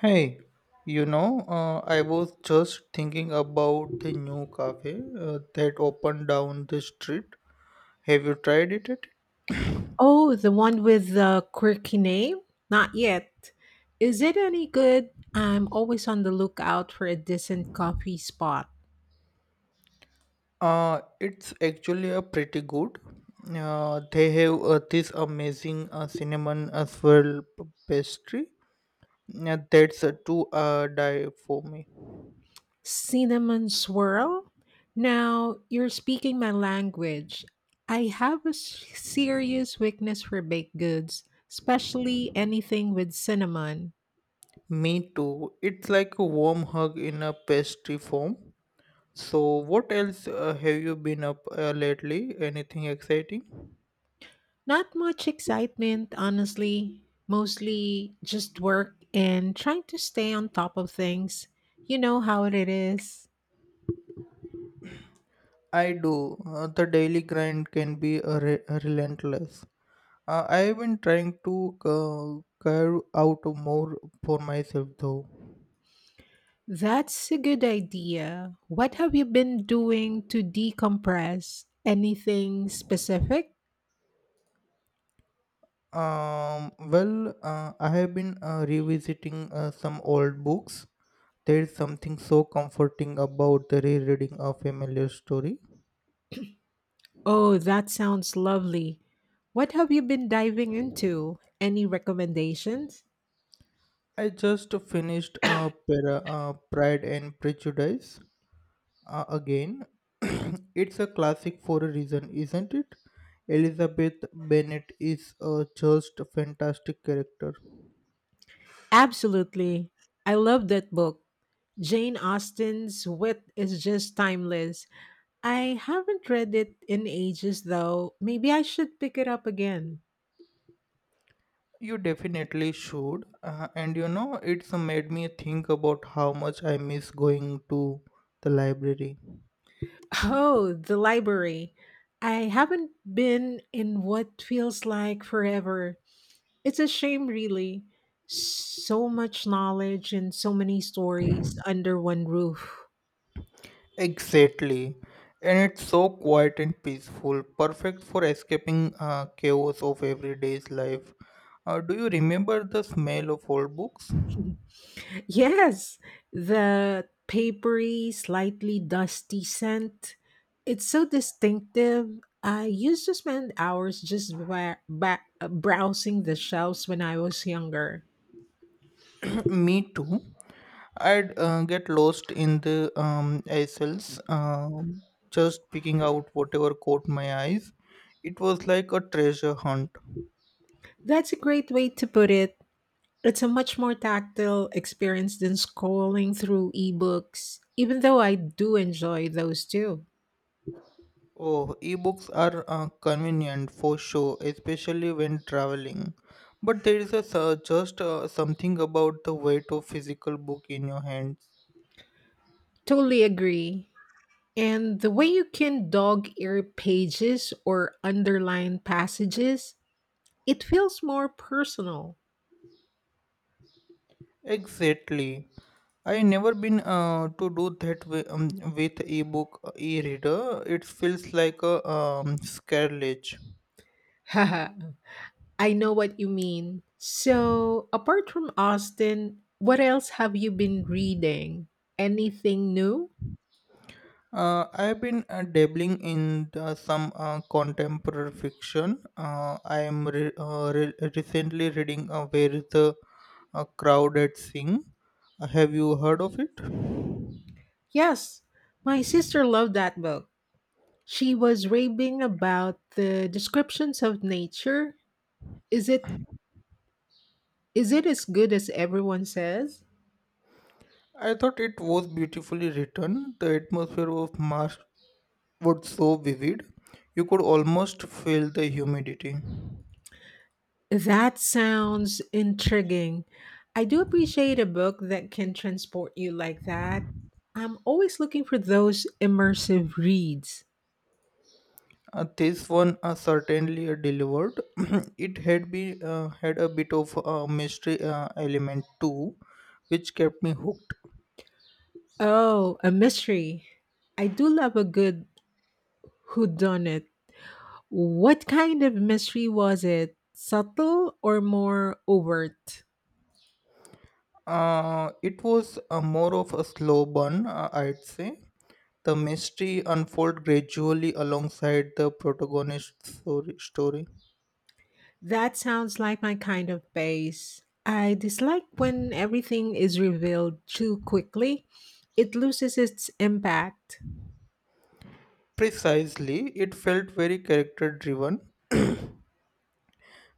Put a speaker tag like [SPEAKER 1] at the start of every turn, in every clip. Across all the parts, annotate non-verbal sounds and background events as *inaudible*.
[SPEAKER 1] Hey, I was just thinking about the new cafe that opened down the street. Have you tried it yet?
[SPEAKER 2] Oh, the one with the quirky name? Not yet. Is it any good? I'm always on the lookout for a decent coffee spot.
[SPEAKER 1] It's actually a pretty good. They have this amazing cinnamon as well pastry. That's a two die for me.
[SPEAKER 2] Cinnamon swirl? Now, you're speaking my language. I have a serious weakness for baked goods, especially anything with cinnamon.
[SPEAKER 1] Me too. It's like a warm hug in a pastry form. So, what else have you been up lately? Anything exciting?
[SPEAKER 2] Not much excitement, honestly. Mostly just work and trying to stay on top of things. You know how it is.
[SPEAKER 1] I do. The daily grind can be relentless. I've been trying to carve out more for myself though.
[SPEAKER 2] That's a good idea. What have you been doing to decompress? Anything specific?
[SPEAKER 1] Well, I have been revisiting some old books. There's something so comforting about the rereading a familiar story.
[SPEAKER 2] Oh, that sounds lovely. What have you been diving into? Any recommendations?
[SPEAKER 1] I just finished Pride and Prejudice. Again, *clears throat* it's a classic for a reason, isn't it? Elizabeth Bennet is a just fantastic character.
[SPEAKER 2] Absolutely. I love that book. Jane Austen's wit is just timeless. I haven't read it in ages, though. Maybe I should pick it up again.
[SPEAKER 1] You definitely should, and you know, it's made me think about how much I miss going to the library.
[SPEAKER 2] Oh, the library. I haven't been in what feels like forever. It's a shame, really. So much knowledge and so many stories under one roof. *laughs*
[SPEAKER 1] Exactly, and it's so quiet and peaceful, perfect for escaping chaos of everyday's life. Do you remember the smell of old books?
[SPEAKER 2] Yes, the papery, slightly dusty scent. It's so distinctive. I used to spend hours just browsing the shelves when I was younger.
[SPEAKER 1] *clears throat* me too. I'd get lost in the aisles, just picking out whatever caught my eyes. It was like a treasure hunt.
[SPEAKER 2] That's a great way to put it. It's a much more tactile experience than scrolling through ebooks, even though I do enjoy those too.
[SPEAKER 1] Oh, ebooks are convenient for sure, especially when traveling. But there is a sur- just something about the weight of physical book in your hands.
[SPEAKER 2] Totally agree. And the way you can dog ear pages or underline passages, it feels more personal.
[SPEAKER 1] Exactly. I never been to do that with ebook e-reader. It feels like a sacrilege.
[SPEAKER 2] Haha, *laughs* I know what you mean. So, apart from Austin, what else have you been reading? Anything new?
[SPEAKER 1] I've been dabbling in the, some contemporary fiction. I am recently reading Where is the Crowded Thing. Have you heard of it?
[SPEAKER 2] Yes, my sister loved that book. She was raving about the descriptions of nature. Is it is it as good as everyone says?
[SPEAKER 1] I thought it was beautifully written. The atmosphere of Mars was so vivid, you could almost feel the humidity.
[SPEAKER 2] That sounds intriguing. I do appreciate a book that can transport you like that. I'm always looking for those immersive reads.
[SPEAKER 1] This one certainly delivered. *clears throat* it had been had a bit of a mystery element too, which kept me hooked.
[SPEAKER 2] Oh, a mystery. I do love a good whodunit. What kind of mystery was it? Subtle or more overt?
[SPEAKER 1] It was more of a slow burn, I'd say. The mystery unfold gradually alongside the protagonist's story.
[SPEAKER 2] That sounds like my kind of base. I dislike when everything is revealed too quickly. It loses its impact.
[SPEAKER 1] Precisely, it felt very character driven,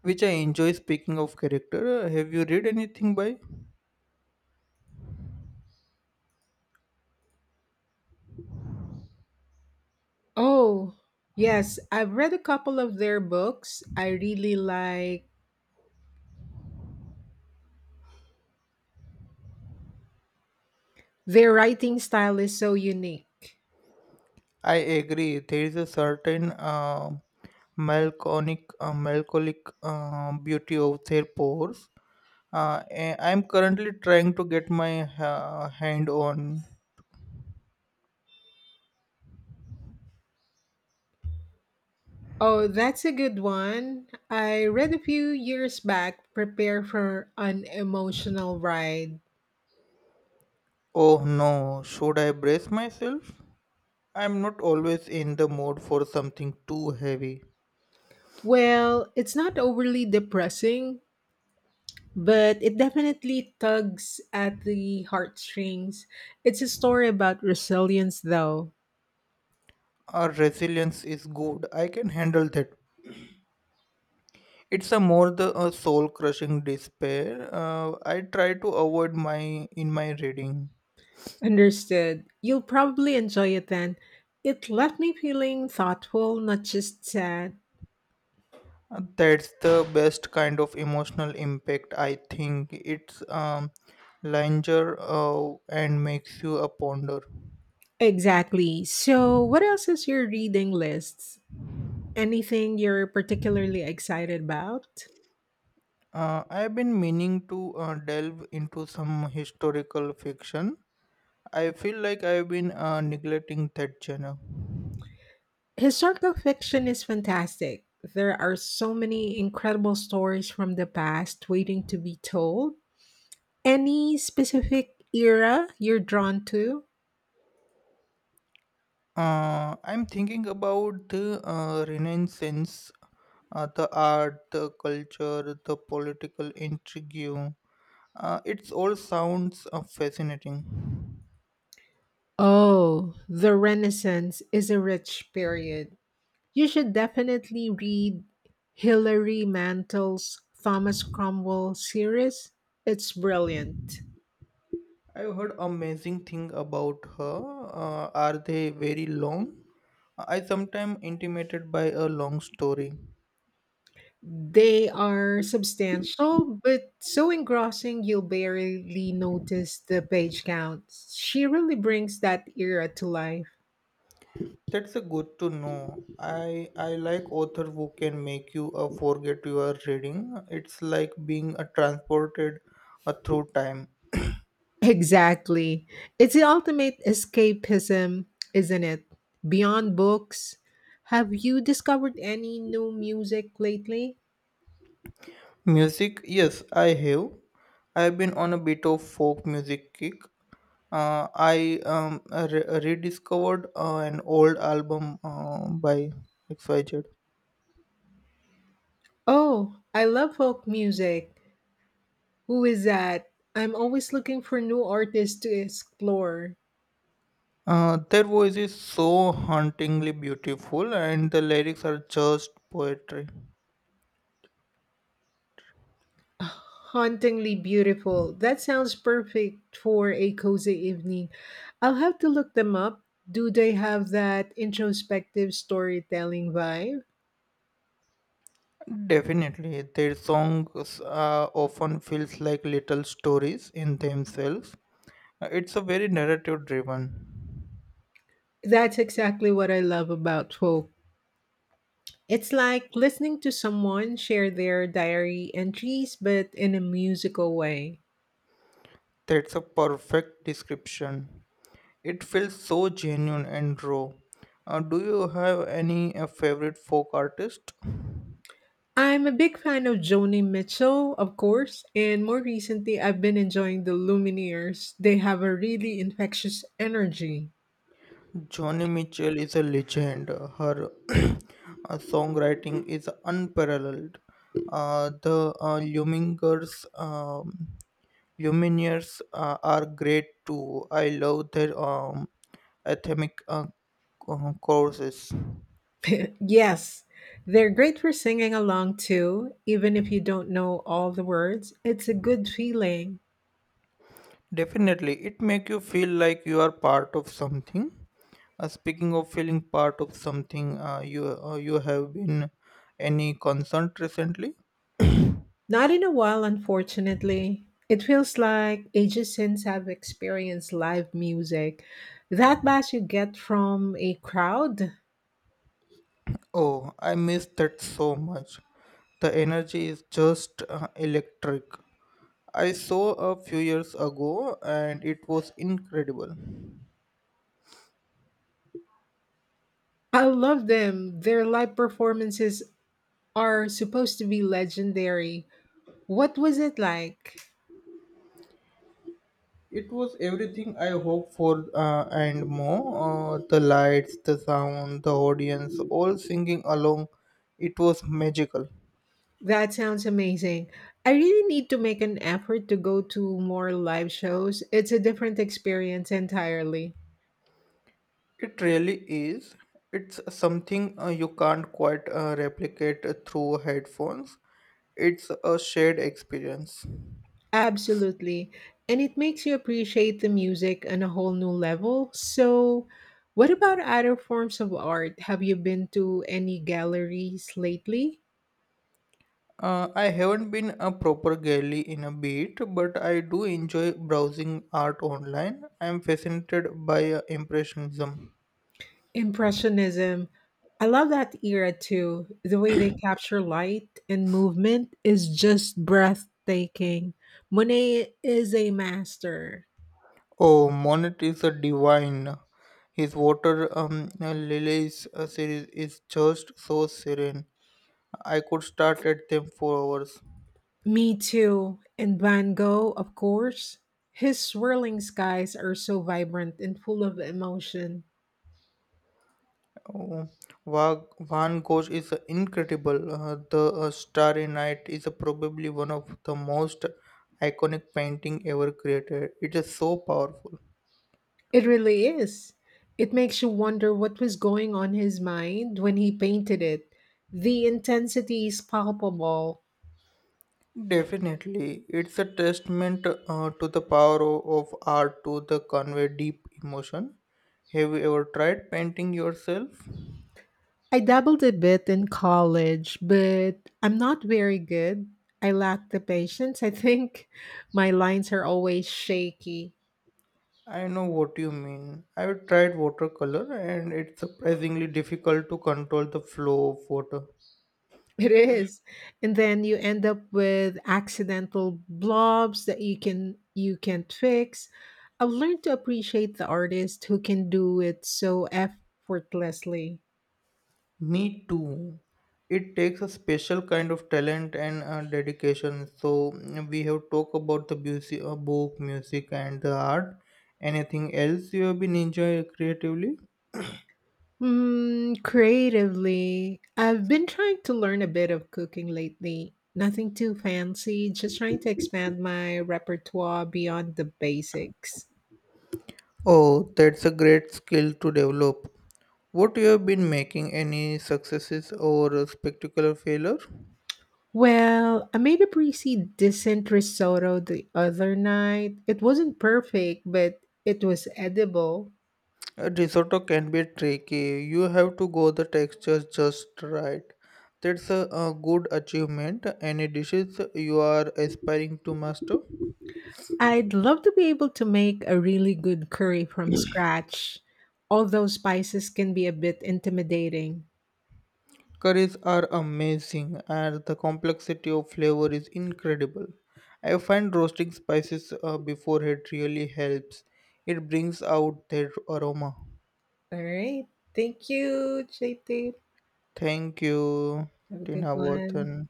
[SPEAKER 1] which I enjoy. Speaking of character, have you read anything by
[SPEAKER 2] Oh, yes, I've read a couple of their books. I really like their writing style is so unique.
[SPEAKER 1] I agree. There is a certain melancholic beauty of their pores. I'm currently trying to get my hand on.
[SPEAKER 2] Oh, that's a good one. I read a few years back Prepare for an Emotional Ride.
[SPEAKER 1] Oh no, should I brace myself? I'm not always in the mood for something too heavy.
[SPEAKER 2] Well, it's not overly depressing, but it definitely tugs at the heartstrings. It's a story about resilience, though.
[SPEAKER 1] Our resilience is good. I can handle that. It's a more the soul crushing despair. I try to avoid my in my reading.
[SPEAKER 2] Understood. You'll probably enjoy it then. It left me feeling thoughtful, not just sad.
[SPEAKER 1] That's the best kind of emotional impact, I think. It's linger and makes you a ponder.
[SPEAKER 2] Exactly. So, what else is your reading list? Anything you're particularly excited about?
[SPEAKER 1] I've been meaning to delve into some historical fiction. I feel like I've been neglecting that genre.
[SPEAKER 2] Historical fiction is fantastic. There are so many incredible stories from the past waiting to be told. Any specific era you're drawn to?
[SPEAKER 1] I'm thinking about the Renaissance, the art, the culture, the political intrigue. It all sounds fascinating.
[SPEAKER 2] Oh, the Renaissance is a rich period. You should definitely read Hilary Mantel's Thomas Cromwell series. It's brilliant.
[SPEAKER 1] I've heard amazing thing about her. Are they very long? I sometimes intimidated by a long story.
[SPEAKER 2] They are substantial, but so engrossing you'll barely notice the page counts. She really brings that era to life.
[SPEAKER 1] That's a good to know. I like author who can make you forget you are reading. It's like being transported through time.
[SPEAKER 2] Exactly. It's the ultimate escapism, isn't it? Beyond books. Have you discovered any new music lately?
[SPEAKER 1] Music, yes, I have. I've been on a bit of folk music kick. I rediscovered an old album by XYZ.
[SPEAKER 2] Oh, I love folk music. Who is that? I'm always looking for new artists to explore.
[SPEAKER 1] Their voice is so hauntingly beautiful, and the lyrics are just poetry.
[SPEAKER 2] Hauntingly beautiful. That sounds perfect for a cozy evening. I'll have to look them up. Do they have that introspective storytelling vibe?
[SPEAKER 1] Definitely, their songs often feels like little stories in themselves. It's a very narrative-driven.
[SPEAKER 2] That's exactly what I love about folk. It's like listening to someone share their diary entries, but in a musical way.
[SPEAKER 1] That's a perfect description. It feels so genuine and raw. Do you have any favorite folk artist?
[SPEAKER 2] I'm a big fan of Joni Mitchell, of course, and more recently I've been enjoying the Lumineers. They have a really infectious energy.
[SPEAKER 1] Joni Mitchell is a legend. Her *clears throat* songwriting is unparalleled. The Lumineers are great too. I love their anthemic courses.
[SPEAKER 2] Yes, they're great for singing along too, even if you don't know all the words. It's a good feeling.
[SPEAKER 1] Definitely, it make you feel like you are part of something. Speaking of feeling part of something, you have been any concert recently?
[SPEAKER 2] Not in a while, unfortunately. It feels like ages since I've experienced live music. That bass you get from a crowd,
[SPEAKER 1] Oh, I miss that so much. The energy is just electric. I saw a few years ago and it was incredible.
[SPEAKER 2] I love them. Their live performances are supposed to be legendary. What was it like?
[SPEAKER 1] It was everything I hoped for and more. The lights, the sound, the audience, all singing along. It was magical.
[SPEAKER 2] That sounds amazing. I really need to make an effort to go to more live shows. It's a different experience entirely.
[SPEAKER 1] It really is. It's something you can't quite replicate through headphones. It's a shared experience.
[SPEAKER 2] Absolutely. And it makes you appreciate the music on a whole new level. So, what about other forms of art? Have you been to any galleries lately?
[SPEAKER 1] I haven't been a proper gallery in a bit, but I do enjoy browsing art online. I am fascinated by Impressionism.
[SPEAKER 2] Impressionism. I love that era too. The way they capture light and movement is just breathtaking. Monet is a master.
[SPEAKER 1] Oh, Monet is a divine. His water lilies series is just so serene. I could start at them for hours.
[SPEAKER 2] Me too. And Van Gogh, of course. His swirling skies are so vibrant and full of emotion.
[SPEAKER 1] Oh, Van Gogh is incredible. The Starry Night is probably one of the most iconic painting ever created. It is so powerful.
[SPEAKER 2] It really is. It makes you wonder what was going on his mind when he painted it. The intensity is palpable.
[SPEAKER 1] Definitely, it's a testament to the power of art to the convey deep emotion. Have you ever tried painting yourself?
[SPEAKER 2] I dabbled a bit in college, but I'm not very good. I lack the patience. I think *laughs* my lines are always shaky.
[SPEAKER 1] I know what you mean. I've tried watercolor and it's surprisingly difficult to control the flow of water.
[SPEAKER 2] It is. And then you end up with accidental blobs that you can't fix. I've learned to appreciate the artist who can do it so effortlessly.
[SPEAKER 1] Me too. It takes a special kind of talent and dedication. So we have talked about the music, book, music, and the art. Anything else you have been enjoying creatively?
[SPEAKER 2] Mm, creatively, I've been trying to learn a bit of cooking lately. Nothing too fancy, just trying to expand my repertoire beyond the basics.
[SPEAKER 1] Oh, that's a great skill to develop. What you have been making any successes or a spectacular failure?
[SPEAKER 2] Well, I made a pretty decent risotto the other night. It wasn't perfect, but it was edible.
[SPEAKER 1] A risotto can be tricky. You have to go the textures just right. That's a good achievement. Any dishes you are aspiring to master?
[SPEAKER 2] I'd love to be able to make a really good curry from scratch, although spices can be a bit intimidating.
[SPEAKER 1] Curries are amazing, and the complexity of flavor is incredible. I find roasting spices beforehand really helps. It brings out their aroma.
[SPEAKER 2] All right. Thank you, JT.
[SPEAKER 1] Thank you,
[SPEAKER 2] Have a good
[SPEAKER 1] Tina
[SPEAKER 2] one.
[SPEAKER 1] Wharton.